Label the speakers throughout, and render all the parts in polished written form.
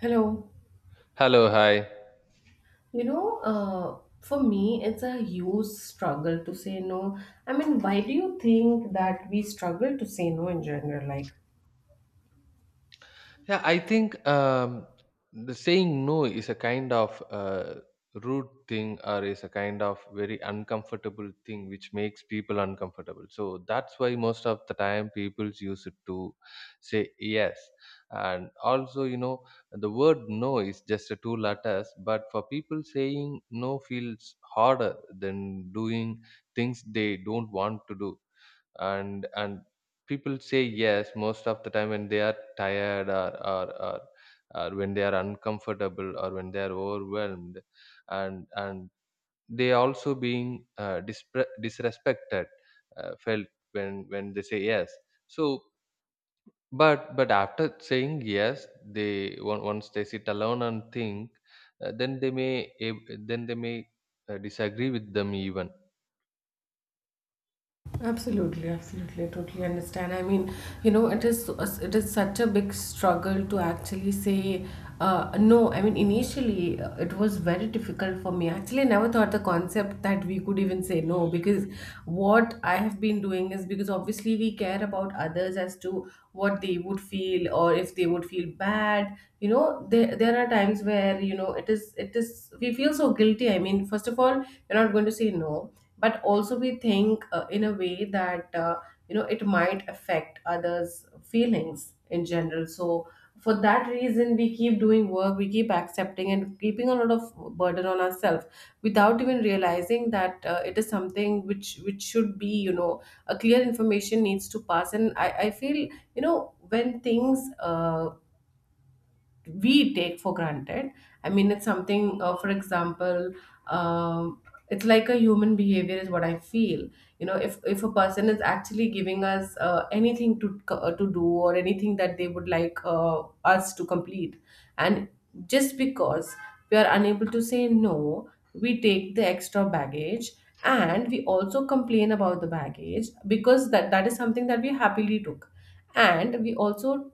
Speaker 1: Hello.
Speaker 2: Hello, hi.
Speaker 1: You know, for me, it's a huge struggle to say no. I mean, why do you think that we struggle to say no in general? Like,
Speaker 2: Yeah, I think the saying no is a kind of rude thing or is a kind of very uncomfortable thing which makes people uncomfortable. So that's why most of the time people use it to say yes. And also, the word no is just a two letters, but for people saying no feels harder than doing things they don't want to do and people say yes most of the time when they are tired or when they are uncomfortable or when they are overwhelmed and they also being disrespected felt when they say yes so but after saying yes they once they sit alone and think then they then they may disagree with them even.
Speaker 1: absolutely, absolutely. I totally understand. I mean, you know, it is it is such a big struggle to actually say no. I mean, initially it was very difficult for me. Actually, I never thought the concept that we could even say no, because what I have been doing is because obviously we care about others as to what they would feel or if they would feel bad. You know, there are times where you know it is we feel so guilty. I mean, first of all, you're not going to say no, but also we think in a way that you know, it might affect others feelings in general. So for that reason we keep doing work, we keep accepting and keeping a lot of burden on ourselves without even realizing that it is something which should be, you know, a clear information needs to pass. And I feel, you know, when things we take for granted. I mean, it's something, for example, um, it's like a human behavior is what I feel. You know, if a person is actually giving us anything to do, or anything that they would like us to complete, and just because we are unable to say no, we take the extra baggage, and we also complain about the baggage because that is something that we happily took. And we also,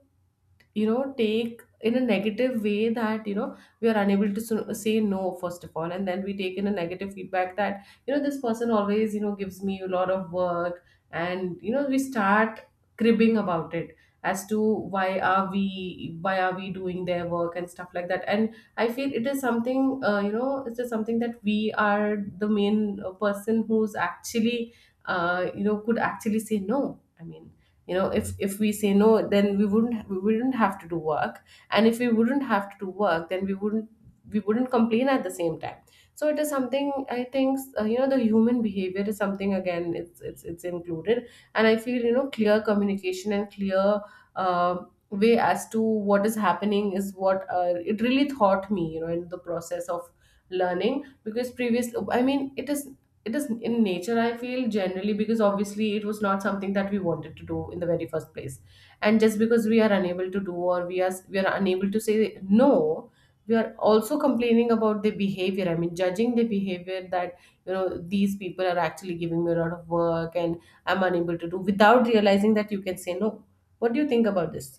Speaker 1: you know, take in a negative way that, you know, we are unable to say no, first of all, and then we take in a negative feedback that, you know, this person always, you know, gives me a lot of work. And you know, we start cribbing about it as to why are we doing their work and stuff like that. And I feel it is something, you know, it is just something that we are the main person who's actually, you know, could actually say no. I mean, you know, if we say no, then we wouldn't have to do work, and if we wouldn't have to do work, then we wouldn't complain at the same time. So it is something, I think, you know, the human behavior is something again, it's included. And I feel, you know, clear communication and clear uh, way as to what is happening is what, it really taught me, you know, in the process of learning. Because previous, I mean, it is in nature, I feel, generally, because obviously it was not something that we wanted to do in the very first place, and just because we are unable to do, or we are unable to say no, we are also complaining about the behavior, I mean judging the behavior that, you know, these people are actually giving me a lot of work and I'm unable to do, without realizing that you can say no. What do you think about this?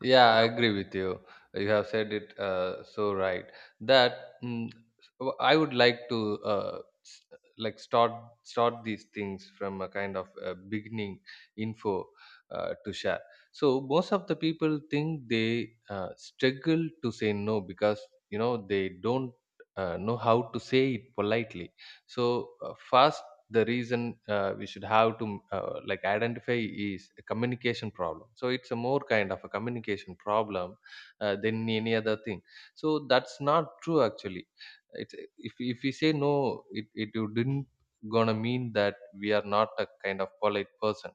Speaker 2: Yeah, I agree with you. You have said it so right that I would like to s- like start these things from a kind of beginning info to share. So most of the people think they struggle to say no because you know they don't know how to say it politely. So first the reason we should have to like identify is a communication problem, so it's a more kind of a communication problem than any other thing. So that's not true actually. It's if we say no it would didn't gonna mean that we are not a kind of polite person.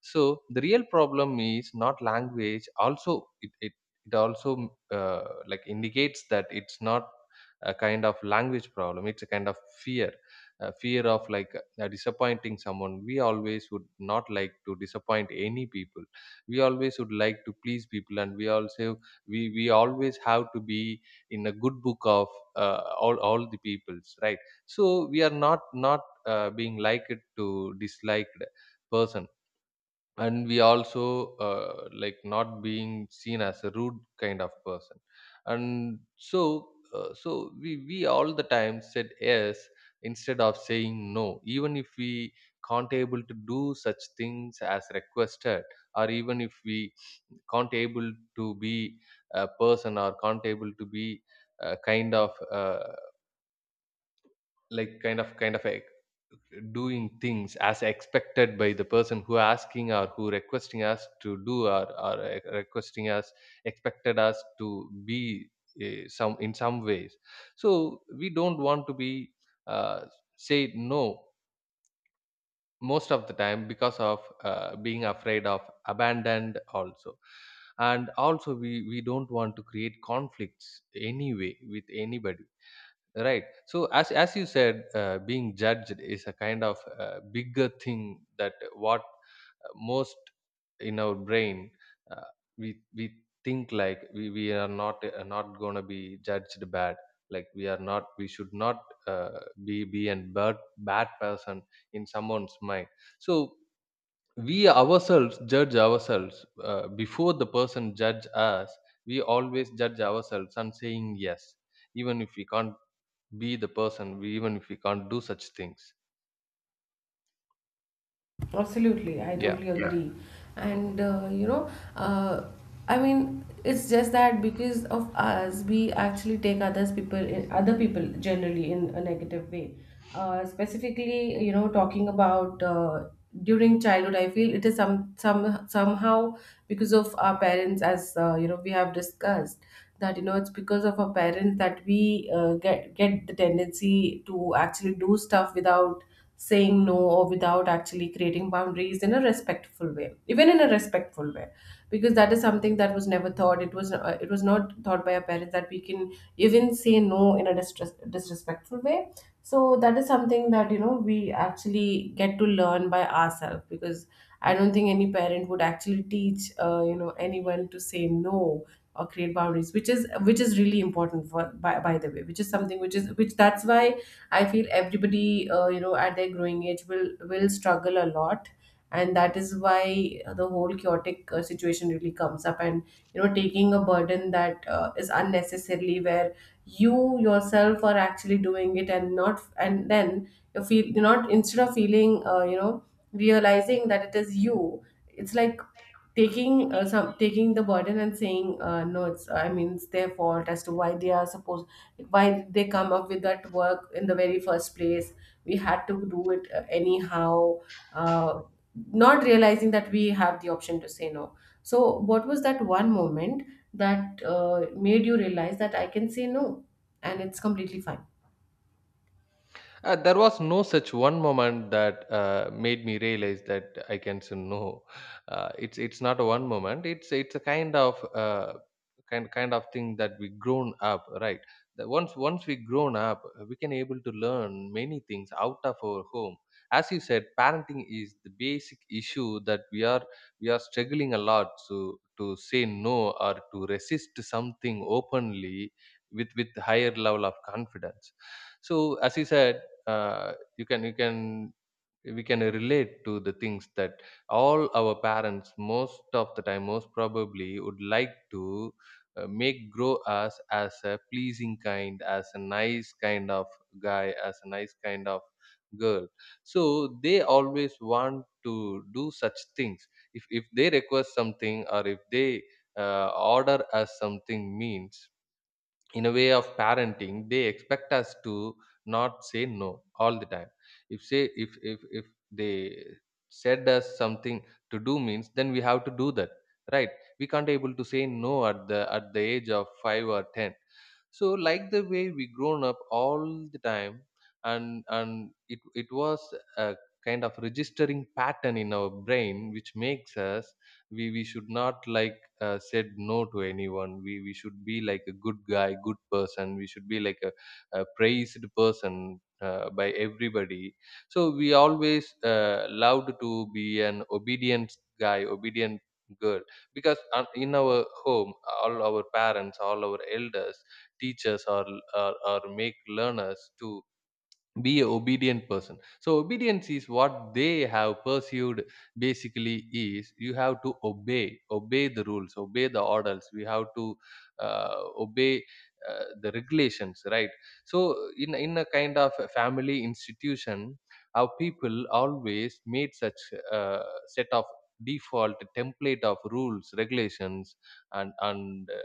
Speaker 2: So the real problem is not language also, it also like indicates that it's not a kind of language problem, it's a kind of fear, fear of like disappointing someone. We always would not like to disappoint any people, we always would like to please people, and we also we always have to be in a good book of all the peoples, right? So we are not being liked to disliked person, and we also like not being seen as a rude kind of person. And so so we all the time said yes instead of saying no, even if we can't able to do such things as requested, or even if we can't able to be a person or can't able to be a kind of like kind of like doing things as expected by the person who asking or who requesting us to do, or requesting us expected us to be some in some ways. So we don't want to be uh, say no most of the time, because of being afraid of abandoned also. And also we don't want to create conflicts anyway with anybody, right? So as you said, being judged is a kind of bigger thing that what most in our brain uh, we think like we are not going to be judged bad. Like we are not, we should not be a bad person in someone's mind. So we ourselves judge ourselves before the person judge us. We always judge ourselves and saying yes, even if we can't be the person even if we can't do such things.
Speaker 1: Absolutely, I
Speaker 2: Yeah.
Speaker 1: totally, yeah, agree.
Speaker 2: Mm.
Speaker 1: And you know, uh, I mean, it's just that because of us, we actually take other people generally in a negative way. Specifically, you know, talking about, during childhood, I feel it is somehow because of our parents, as, you know, we have discussed, that you know it's because of our parents that we get the tendency to actually do stuff without saying no, or without actually creating boundaries in a respectful way, even in a respectful way. Because that is something that was never thought, it was not thought by our parents that we can even say no in a disrespectful way. So that is something that, you know, we actually get to learn by ourselves, because I don't think any parent would actually teach, you know, anyone to say no, or create boundaries, which is really important, for by the way, which is something which is, which, that's why I feel everybody, you know, at their growing age will struggle a lot, and that is why the whole chaotic situation really comes up. And you know, taking a burden that is unnecessarily, where you yourself are actually doing it, and not, and then you feel you're not, instead of feeling, you know, realizing that it is you, it's like taking, some taking the burden and saying, no, it's, I mean, it's their fault as to why they come up with that work in the very first place. We had to do it, anyhow, uh, not realizing that we have the option to say no. So what was that one moment that made you realize that I can say no and it's completely fine?
Speaker 2: There was no such one moment that made me realize that I can say no. It's not a one moment. It's a kind of kind of thing that we grown up, right? That once we grown up, we can able to learn many things out of our home. As you said, parenting is the basic issue that we are struggling a lot to say no or to resist something openly with higher level of confidence. So as you said, you can we can relate to the things that all our parents most of the time most probably would like to make grow us as a pleasing kind, as a nice kind of guy, as a nice kind of girl. So they always want to do such things. If they request something, or if they order us something means, in a way of parenting they expect us to not say no all the time. If say if they said us something to do means, then we have to do that, right? We can't able to say no at the at the age of 5 or 10. So like the way we grown up all the time. And it it was a kind of registering pattern in our brain which makes us we should not like said no to anyone. We should be like a good guy, good person. We should be like a praised person by everybody. So we always loved to be an obedient guy, obedient girl. Because in our home, all our parents, all our elders teach us, or make learn us to be a obedient person. So obedience is what they have pursued, basically is you have to obey the rules, obey the orders. We have to obey the regulations, right? So in a kind of a family institution, our people always made such a set of default template of rules, regulations and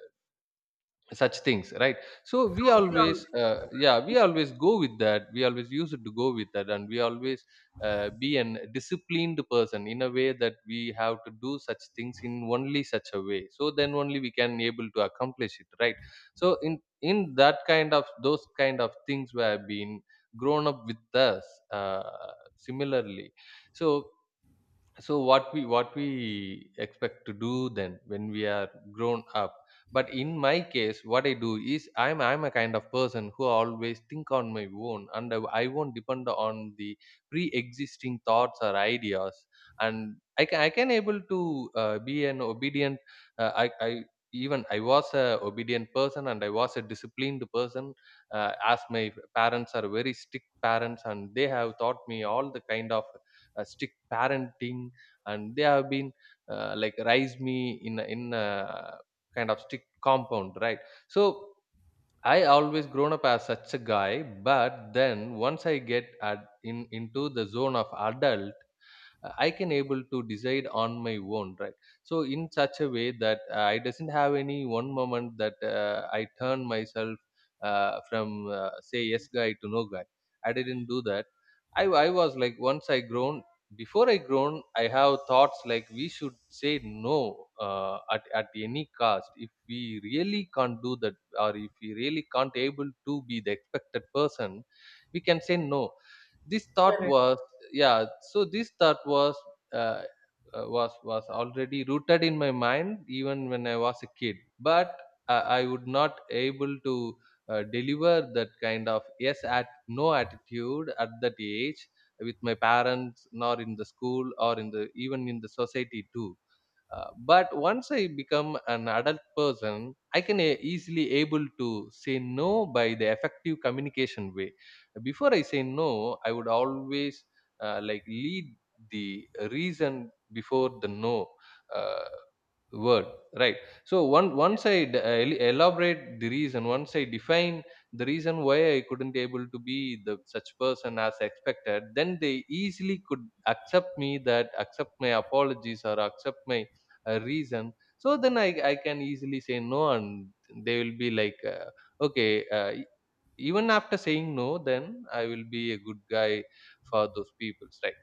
Speaker 2: such things, right? So we
Speaker 1: So we are.
Speaker 2: always yeah, we always go with that, we always use it to go with that, and we always be an disciplined person in a way that we have to do such things in only such a way, so then only we can able to accomplish it, right? So in that kind of those kind of things were being grown up with us, uh, similarly. So so what we expect to do then when we are grown up. But in my case, what I do is i'm a kind of person who always think on my own, and I won't depend on the pre-existing thoughts or ideas. And i can able to be an obedient, I even I was a obedient person and I was a disciplined person, as my parents are very strict parents, and they have taught me all the kind of strict parenting. And they have been like raised me in a kind of strict compound, right? So I always grown up as such a guy, but then once I get at in into the zone of adult, I can able to decide on my own, right? So in such a way that I doesn't have any one moment that I turn myself from say yes guy to no guy. I didn't do that. I was like, once I grown, before I grown, I have thoughts like we should say no, at any cost if we really can't do that, or if we really can't able to be the expected person, we can say no. This thought
Speaker 1: Correct.
Speaker 2: was, yeah, so this thought uh, was already rooted in my mind even when I was a kid. But I would not able to deliver that kind of yes at no attitude at that age with my parents, nor in the school, or in the even in the society too. But once I become an adult person, I can easily able to say no by the effective communication way. Before I say no, I would always like lead the reason before the no. Uh, Word, right? So one once I elaborate the reason, once I define the reason why I couldn't able to be the such person as expected, then they easily could accept me, that accept my apologies or accept my reason. So then I can easily say no, and they will be like okay, even after saying no, then I will be a good guy for those people, right?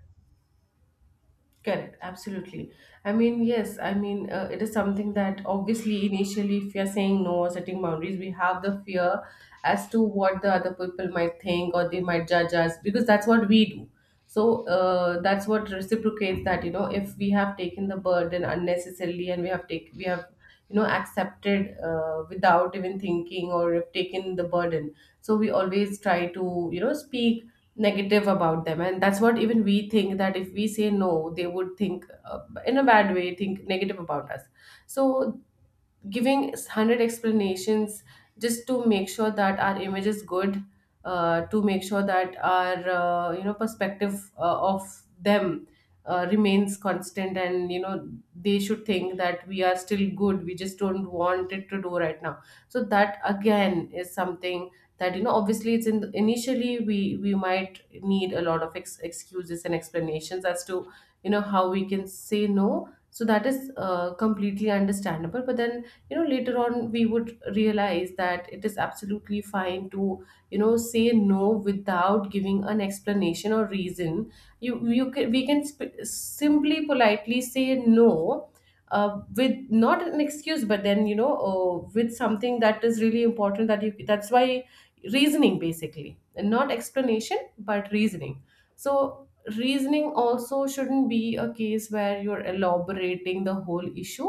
Speaker 1: Correct, absolutely. I mean, yes, I mean, it is something that obviously initially, if you're saying no or setting boundaries, we have the fear as to what the other people might think, or they might judge us, because that's what we do. So, that's what reciprocates that, you know, if we have taken the burden unnecessarily, and we have, you know, accepted, without even thinking, or have taken the burden, so we always try to, you know, speak negative about them. And that's what even we think, that if we say no, they would think, in a bad way, think negative about us. So giving 100 explanations just to make sure that our image is good, to make sure that our, you know, perspective of them remains constant, and, you know, they should think that we are still good, we just don't want it to do right now. So that again is something that, you know, obviously it's in initially, we might need a lot of excuses and explanations as to, you know, how we can say no. So that is, completely understandable. But then, you know, later on we would realize that it is absolutely fine to, you know, say no without giving an explanation or reason. You can we can sp- simply politely say no, with not an excuse, but then, you know, with something that is really important, that you, that's why, reasoning basically, and not explanation but reasoning. So reasoning also shouldn't be a case where you're elaborating the whole issue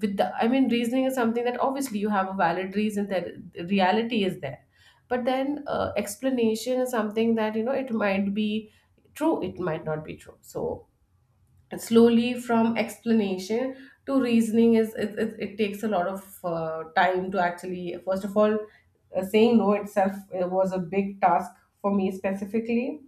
Speaker 1: with the, I mean, reasoning is something that obviously you have a valid reason, that reality is there. But then, explanation is something that, you know, it might be true, it might not be true. So slowly from explanation to reasoning is, it takes a lot of time to actually. First of all, saying no itself, was a big task for me specifically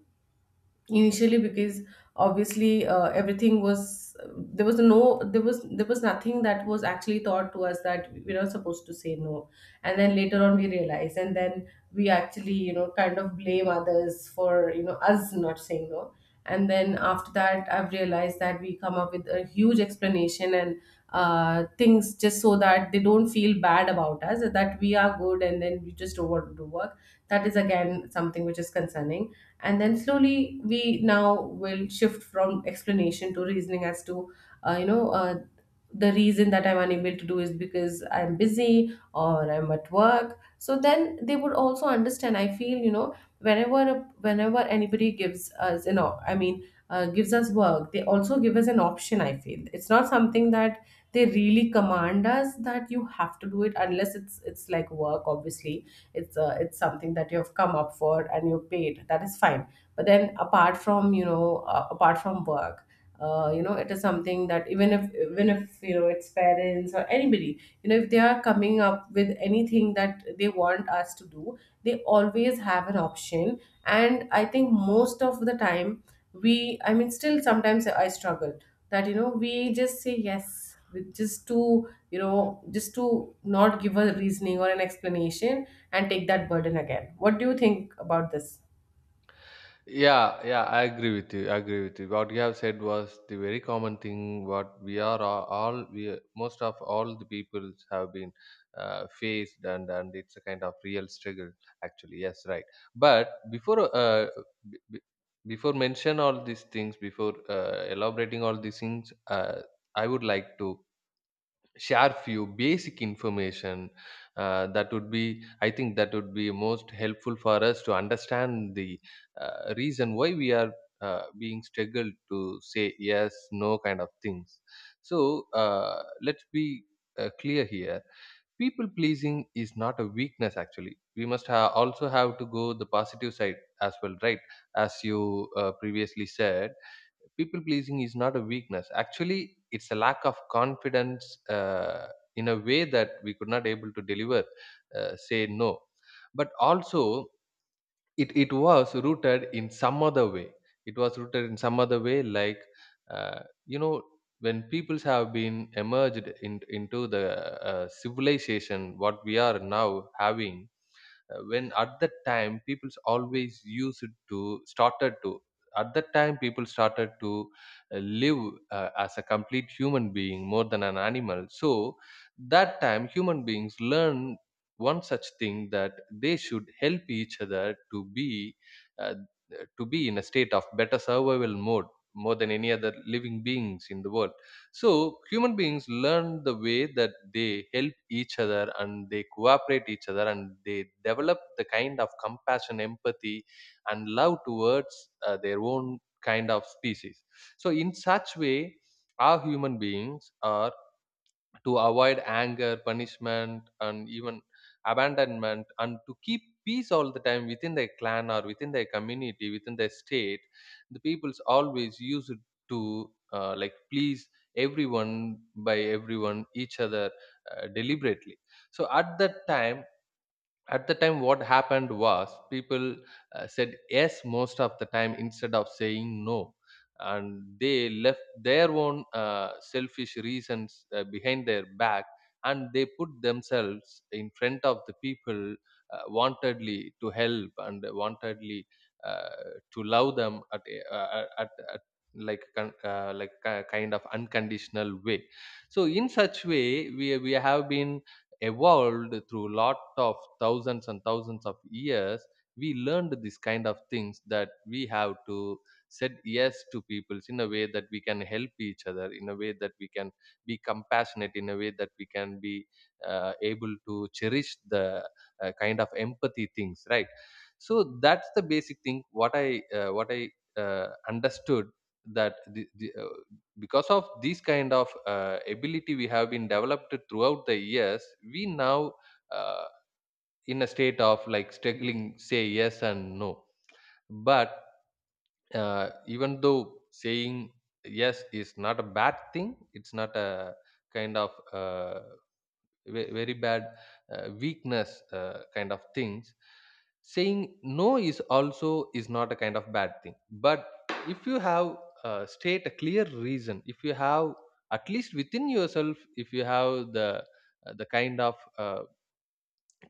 Speaker 1: initially, because obviously, everything was, there was nothing that was actually taught to us, that we're not supposed to say no. And then later on we realize, and then we actually, you know, kind of blame others for, you know, us not saying no. And then after that I've realized that we come up with a huge explanation and things, just so that they don't feel bad about us, that we are good, and then we just don't want to do work. That is again something which is concerning. And then slowly we now will shift from explanation to reasoning as to, you know, the reason that I'm unable to do is because I'm busy or I'm at work, so then they would also understand. I feel, you know, whenever, anybody gives us, you know, I mean, gives us work, they also give us an option. I feel it's not something that they really command us, that you have to do it, unless it's, like work obviously. It's something that you have come up for and you paid, that is fine. But then, apart from, you know, apart from work, you know, it is something that, even if, you know, it's parents or anybody, you know, if they are coming up with anything that they want us to do, they always have an option. And I think most of the time, we I mean, still sometimes I struggle, that you know, we just say yes with, just to, you know, just to not give a reasoning or an explanation, and take that burden again. What do you think about this?
Speaker 2: Yeah, yeah, I agree with you. I agree with you. What you have said was the very common thing. What we are all, most of all the peoples have been faced, and it's a kind of real struggle. Actually, yes, right. But b- b- before mention all these things, before elaborating all these things, I would like to share few basic information that would be, I think that would be most helpful for us to understand the reason why we are being struggled to say yes no kind of things. So let's be clear here. People pleasing is not a weakness, actually. We must also have to go the positive side as well, right? As you previously said, people pleasing is not a weakness, actually. It's a lack of confidence, in a way that we could not able to deliver, say no. But also it was rooted in some other way. It was rooted in some other way, like uh, you know, when peoples have been emerged in, into the civilization, what we are now having, when at that time people's always used to started to at that time people started to live as a complete human being more than an animal. So that time human beings learn one such thing, that they should help each other to be uh, in a state of better survival mode more than any other living beings in the world. So human beings learn the way that they help each other, and they cooperate each other, and they develop the kind of compassion, empathy, and love towards their own kind of species. So in such way, our human beings are to avoid anger, punishment, and even abandonment, and to keep peace all the time within their clan or within their community, within their state. The peoples always use it to like please everyone by everyone each other deliberately. So at that time, at the time what happened was people said yes most of the time instead of saying no, and they left their own selfish reasons behind their back, and they put themselves in front of the people wantedly to help and wantedly to love them at kind of unconditional way. So in such way we have been evolved through lot of thousands and thousands of years. We learned this kind of things, that we have to said yes to people in a way that we can help each other, in a way that we can be compassionate, in a way that we can be able to cherish the kind of empathy things, right? So that's the basic thing, what I understood, that because of this kind of ability we have been developed throughout the years, we now uh, in a state of like struggling say yes and no. But even though saying yes is not a bad thing, it's not a kind of very bad weakness kind of things. Saying no is also is not a kind of bad thing, but if you have state a clear reason, if you have at least within yourself, if you have the kind of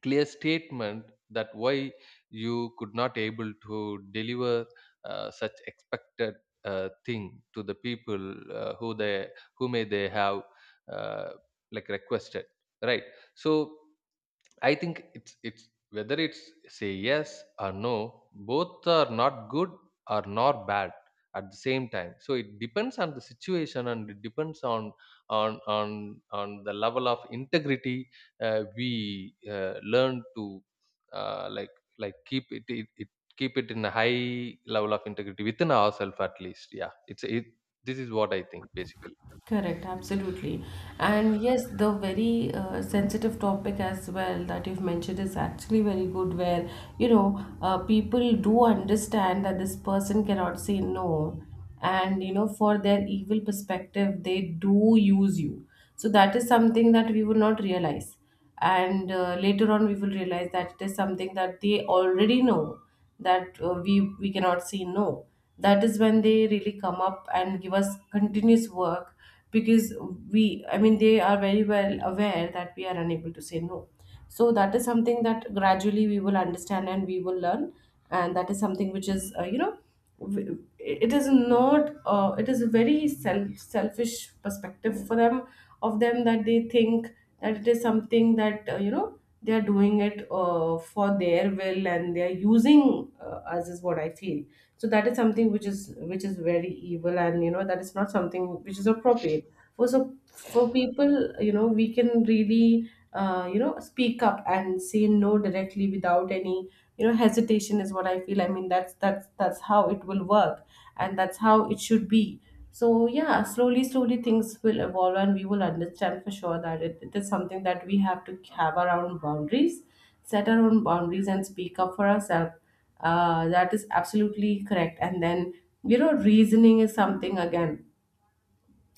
Speaker 2: clear statement that why you could not able to deliver such expected thing to the people who they, who may they have uh, like requested, right? So I think it's whether it's say yes or no, both are not good or not bad at the same time. So it depends on the situation and it depends on on the level of integrity we learn to like keep it, it it keep it in a high level of integrity within ourselves at least. Yeah, it's it. This is what I think basically.
Speaker 1: Correct, absolutely. And yes, the very sensitive topic as well that you've mentioned is actually very good, where people do understand that this person cannot say no, and you know, for their evil perspective, they do use you. So that is something that we would not realize, and later on, we will realize that it is something that they already know that we cannot say no. That is when they really come up and give us continuous work because we I mean they are very well aware that we are unable to say no. So that is something that gradually we will understand and we will learn, and that is something which is it is not it is a very selfish perspective for them, of them, that they think that it is something that you know, they are doing it for their will, and they are using us is what I feel. So that is something which is very evil, and you know, that is not something which is appropriate for, so for people, you know, we can really you know, speak up and say no directly without any, you know, hesitation is what I feel. I mean, that's how it will work and that's how it should be. So yeah, slowly slowly things will evolve and we will understand for sure that it is something that we have to have our own boundaries, set our own boundaries and speak up for ourselves. That is absolutely correct. And then you know, reasoning is something again.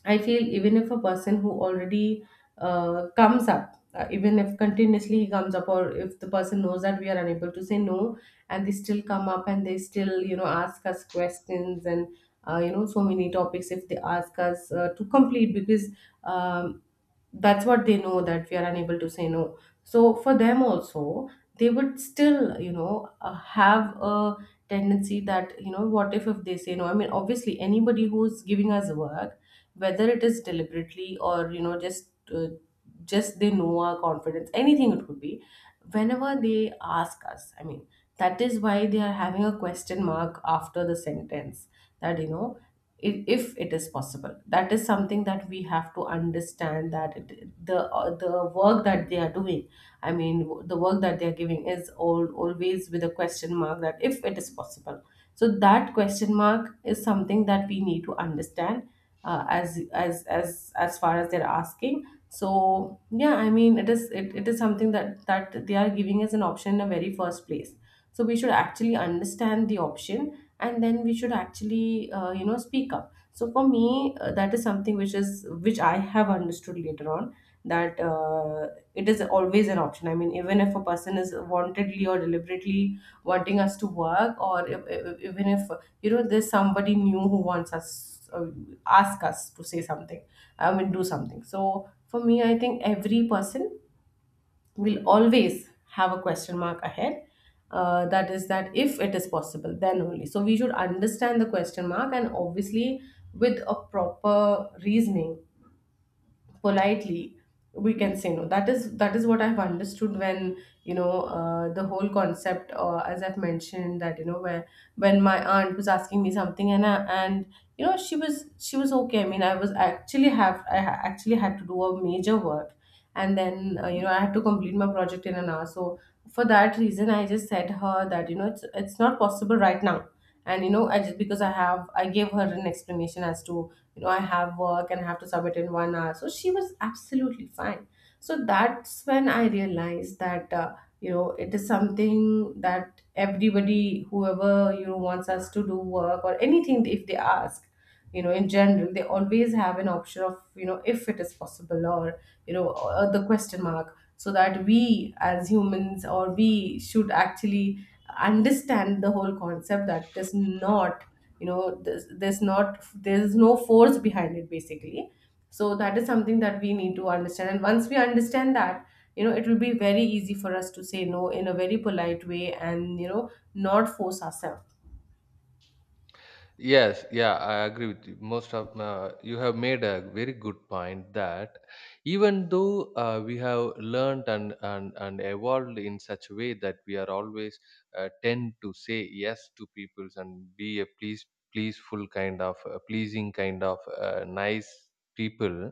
Speaker 1: I feel even if a person who already comes up, even if continuously he comes up, or if the person knows that we are unable to say no, and they still come up and they still, you know, ask us questions and, you know, so many topics if they ask us to complete because um, that's what they know, that we are unable to say no. So for them also, they would still, you know, have a tendency that, you know, what if they say no? I mean, obviously, anybody who's giving us work, whether it is deliberately or you know, just just they know our confidence, anything, it could be, whenever they ask us, I mean, that is why they are having a question mark after the sentence. That you know, if it is possible, that is something that we have to understand, that the work that they are doing, I mean the work that they are giving is all always with a question mark, that if it is possible. So that question mark is something that we need to understand as far as they're asking. So yeah, I mean it is it is something that they are giving as an option in the very first place. So we should actually understand the option, and then we should actually you know, speak up. So for me that is something which is which I have understood later on, that it is always an option. I mean, even if a person is wantedly or deliberately wanting us to work, or even if you know, there's somebody new who wants us ask us to say something, I mean, do something. So for me, I think every person will always have a question mark ahead, that is, that if it is possible then only. So we should understand the question mark, and obviously with a proper reasoning, politely, we can say no. That is what I've understood when you know, the whole concept, as I've mentioned, that you know, where when my aunt was asking me something, and you know, she was okay, I mean I was actually actually had to do a major work, and then you know, I have to complete my project in an hour. So for that reason, I just said her that you know, it's not possible right now. And you know, I just, because I gave her an explanation as to, you know, I have work and I have to submit in 1 hour. So she was absolutely fine. So that's when I realized that you know, it is something that everybody, whoever you know wants us to do work or anything, if they ask, you know, in general, they always have an option of, you know, if it is possible, or you know the question mark. So that we as humans, or we should actually understand the whole concept, that is not, you know, there's no force behind it basically. So that is something that we need to understand, and once we understand that, you know, it will be very easy for us to say no in a very polite way, and you know, not force ourselves.
Speaker 2: Yes, yeah, I agree with you. Most of you have made a very good point, that even though we have learned and evolved in such a way that we are always tend to say yes to peoples and be a please pleaseful kind of pleasing kind of nice people.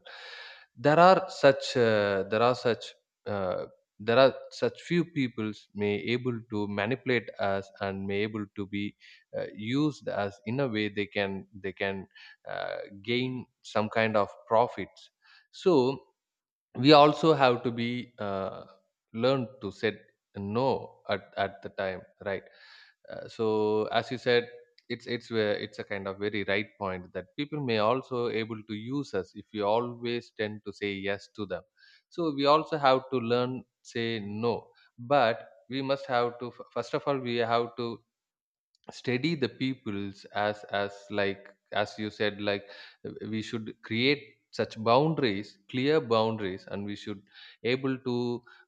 Speaker 2: there are such uh, there are such uh, there are such few peoples may able to manipulate us and may able to be used as, in a way they can uh, gain some kind of profits. So we also have to be learn to say no at the time, right? So as you said, it's it's a kind of very right point that people may also able to use us if we always tend to say yes to them. So we also have to learn say no, but we must have to first of all we have to steady the peoples as like as you said, like we should create such boundaries clear boundaries, and we should able to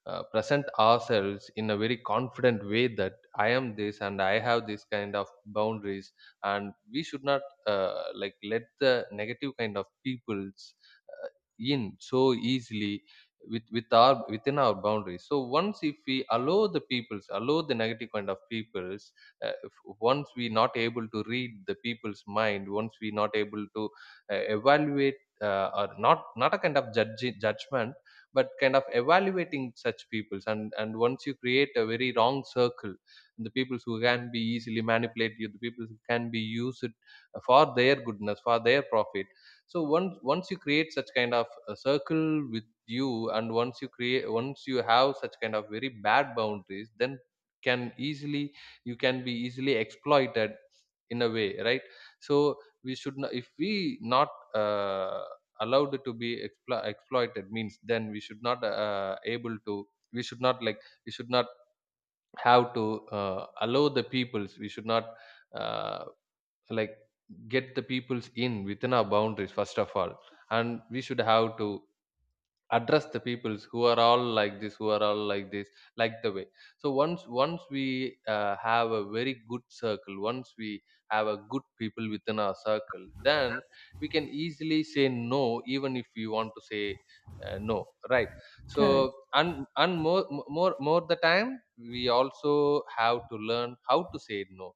Speaker 2: present ourselves in a very confident way, that I am this and I have this kind of boundaries. And we should not like let the negative kind of peoples uh, in so easily within our boundaries. So once if we allow the peoples, allow the negative kind of peoples, if, once we not able to read the people's mind, once we not able to evaluate, or not a kind of judge, judgment, but kind of evaluating such peoples, and once you create a very wrong circle, the peoples who can be easily manipulated, you the peoples who can be used for their goodness, for their profit. So once you create such kind of a circle with you, and once you create, once you have such kind of very bad boundaries, then can easily you can be easily exploited in a way, right? So we should not, if we not uh, allowed to be exploited means, then we should not able to, we should not like we should not have to allow the peoples, we should not uh, like get the peoples in within our boundaries first of all. And we should have to address the peoples who are all like this, like the way. So once we have a very good circle, once we have a good people within our circle, then we can easily say no, even if we want to say no, right? So
Speaker 1: Correct.
Speaker 2: and more more the time we also have to learn how to say no.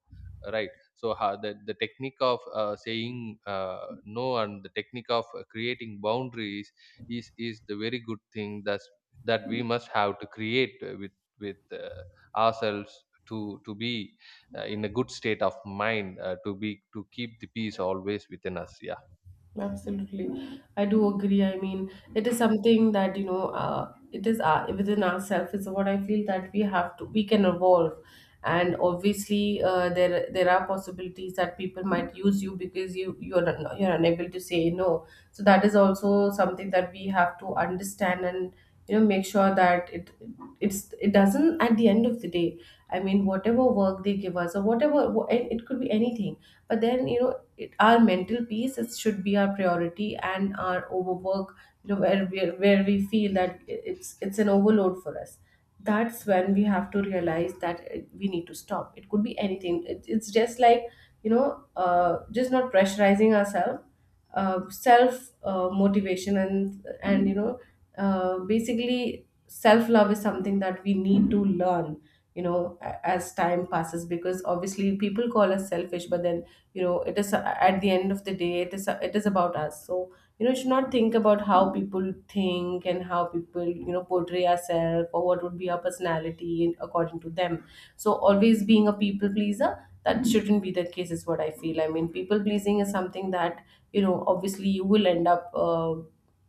Speaker 2: Right? So how the technique of saying no, and the technique of creating boundaries is the very good thing, that we must have to create with with uh, ourselves, to be in a good state of mind, to be, to keep the peace always within us. Yeah.
Speaker 1: Absolutely. I do agree. I mean, it is something that, you know, it is within ourselves is what I feel, that we have to, we can evolve. And obviously, there are possibilities that people might use you because you're unable to say no. So that is also something that we have to understand, and you know, make sure that it's, it doesn't, at the end of the day, I mean, whatever work they give us, or whatever, it it could be anything. But then you know, our mental peace is, should be our priority. And our overwork, you know, where we feel that it's an overload for us, that's when we have to realize that we need to stop. It could be anything, it's just like, you know, just not pressurizing ourselves, self motivation, and you know, basically, self love is something that we need to learn, you know, as time passes, because obviously people call us selfish, but then you know, it is, at the end of the day, it is about us. So you know, you should not think about how people think, and how people, you know, portray ourselves, or what would be our personality in, according to them. So always being a people pleaser, that shouldn't be the case is what I feel. I mean, people pleasing is something that you know, obviously you will end up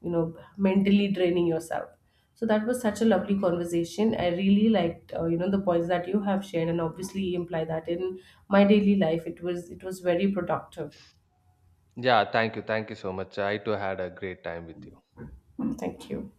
Speaker 1: you know, mentally draining yourself. So that was such a lovely conversation. I really liked you know, the points that you have shared, and obviously imply that in my daily life. It was very productive.
Speaker 2: Yeah, thank you so much. I too had a great time with you.
Speaker 1: Thank you.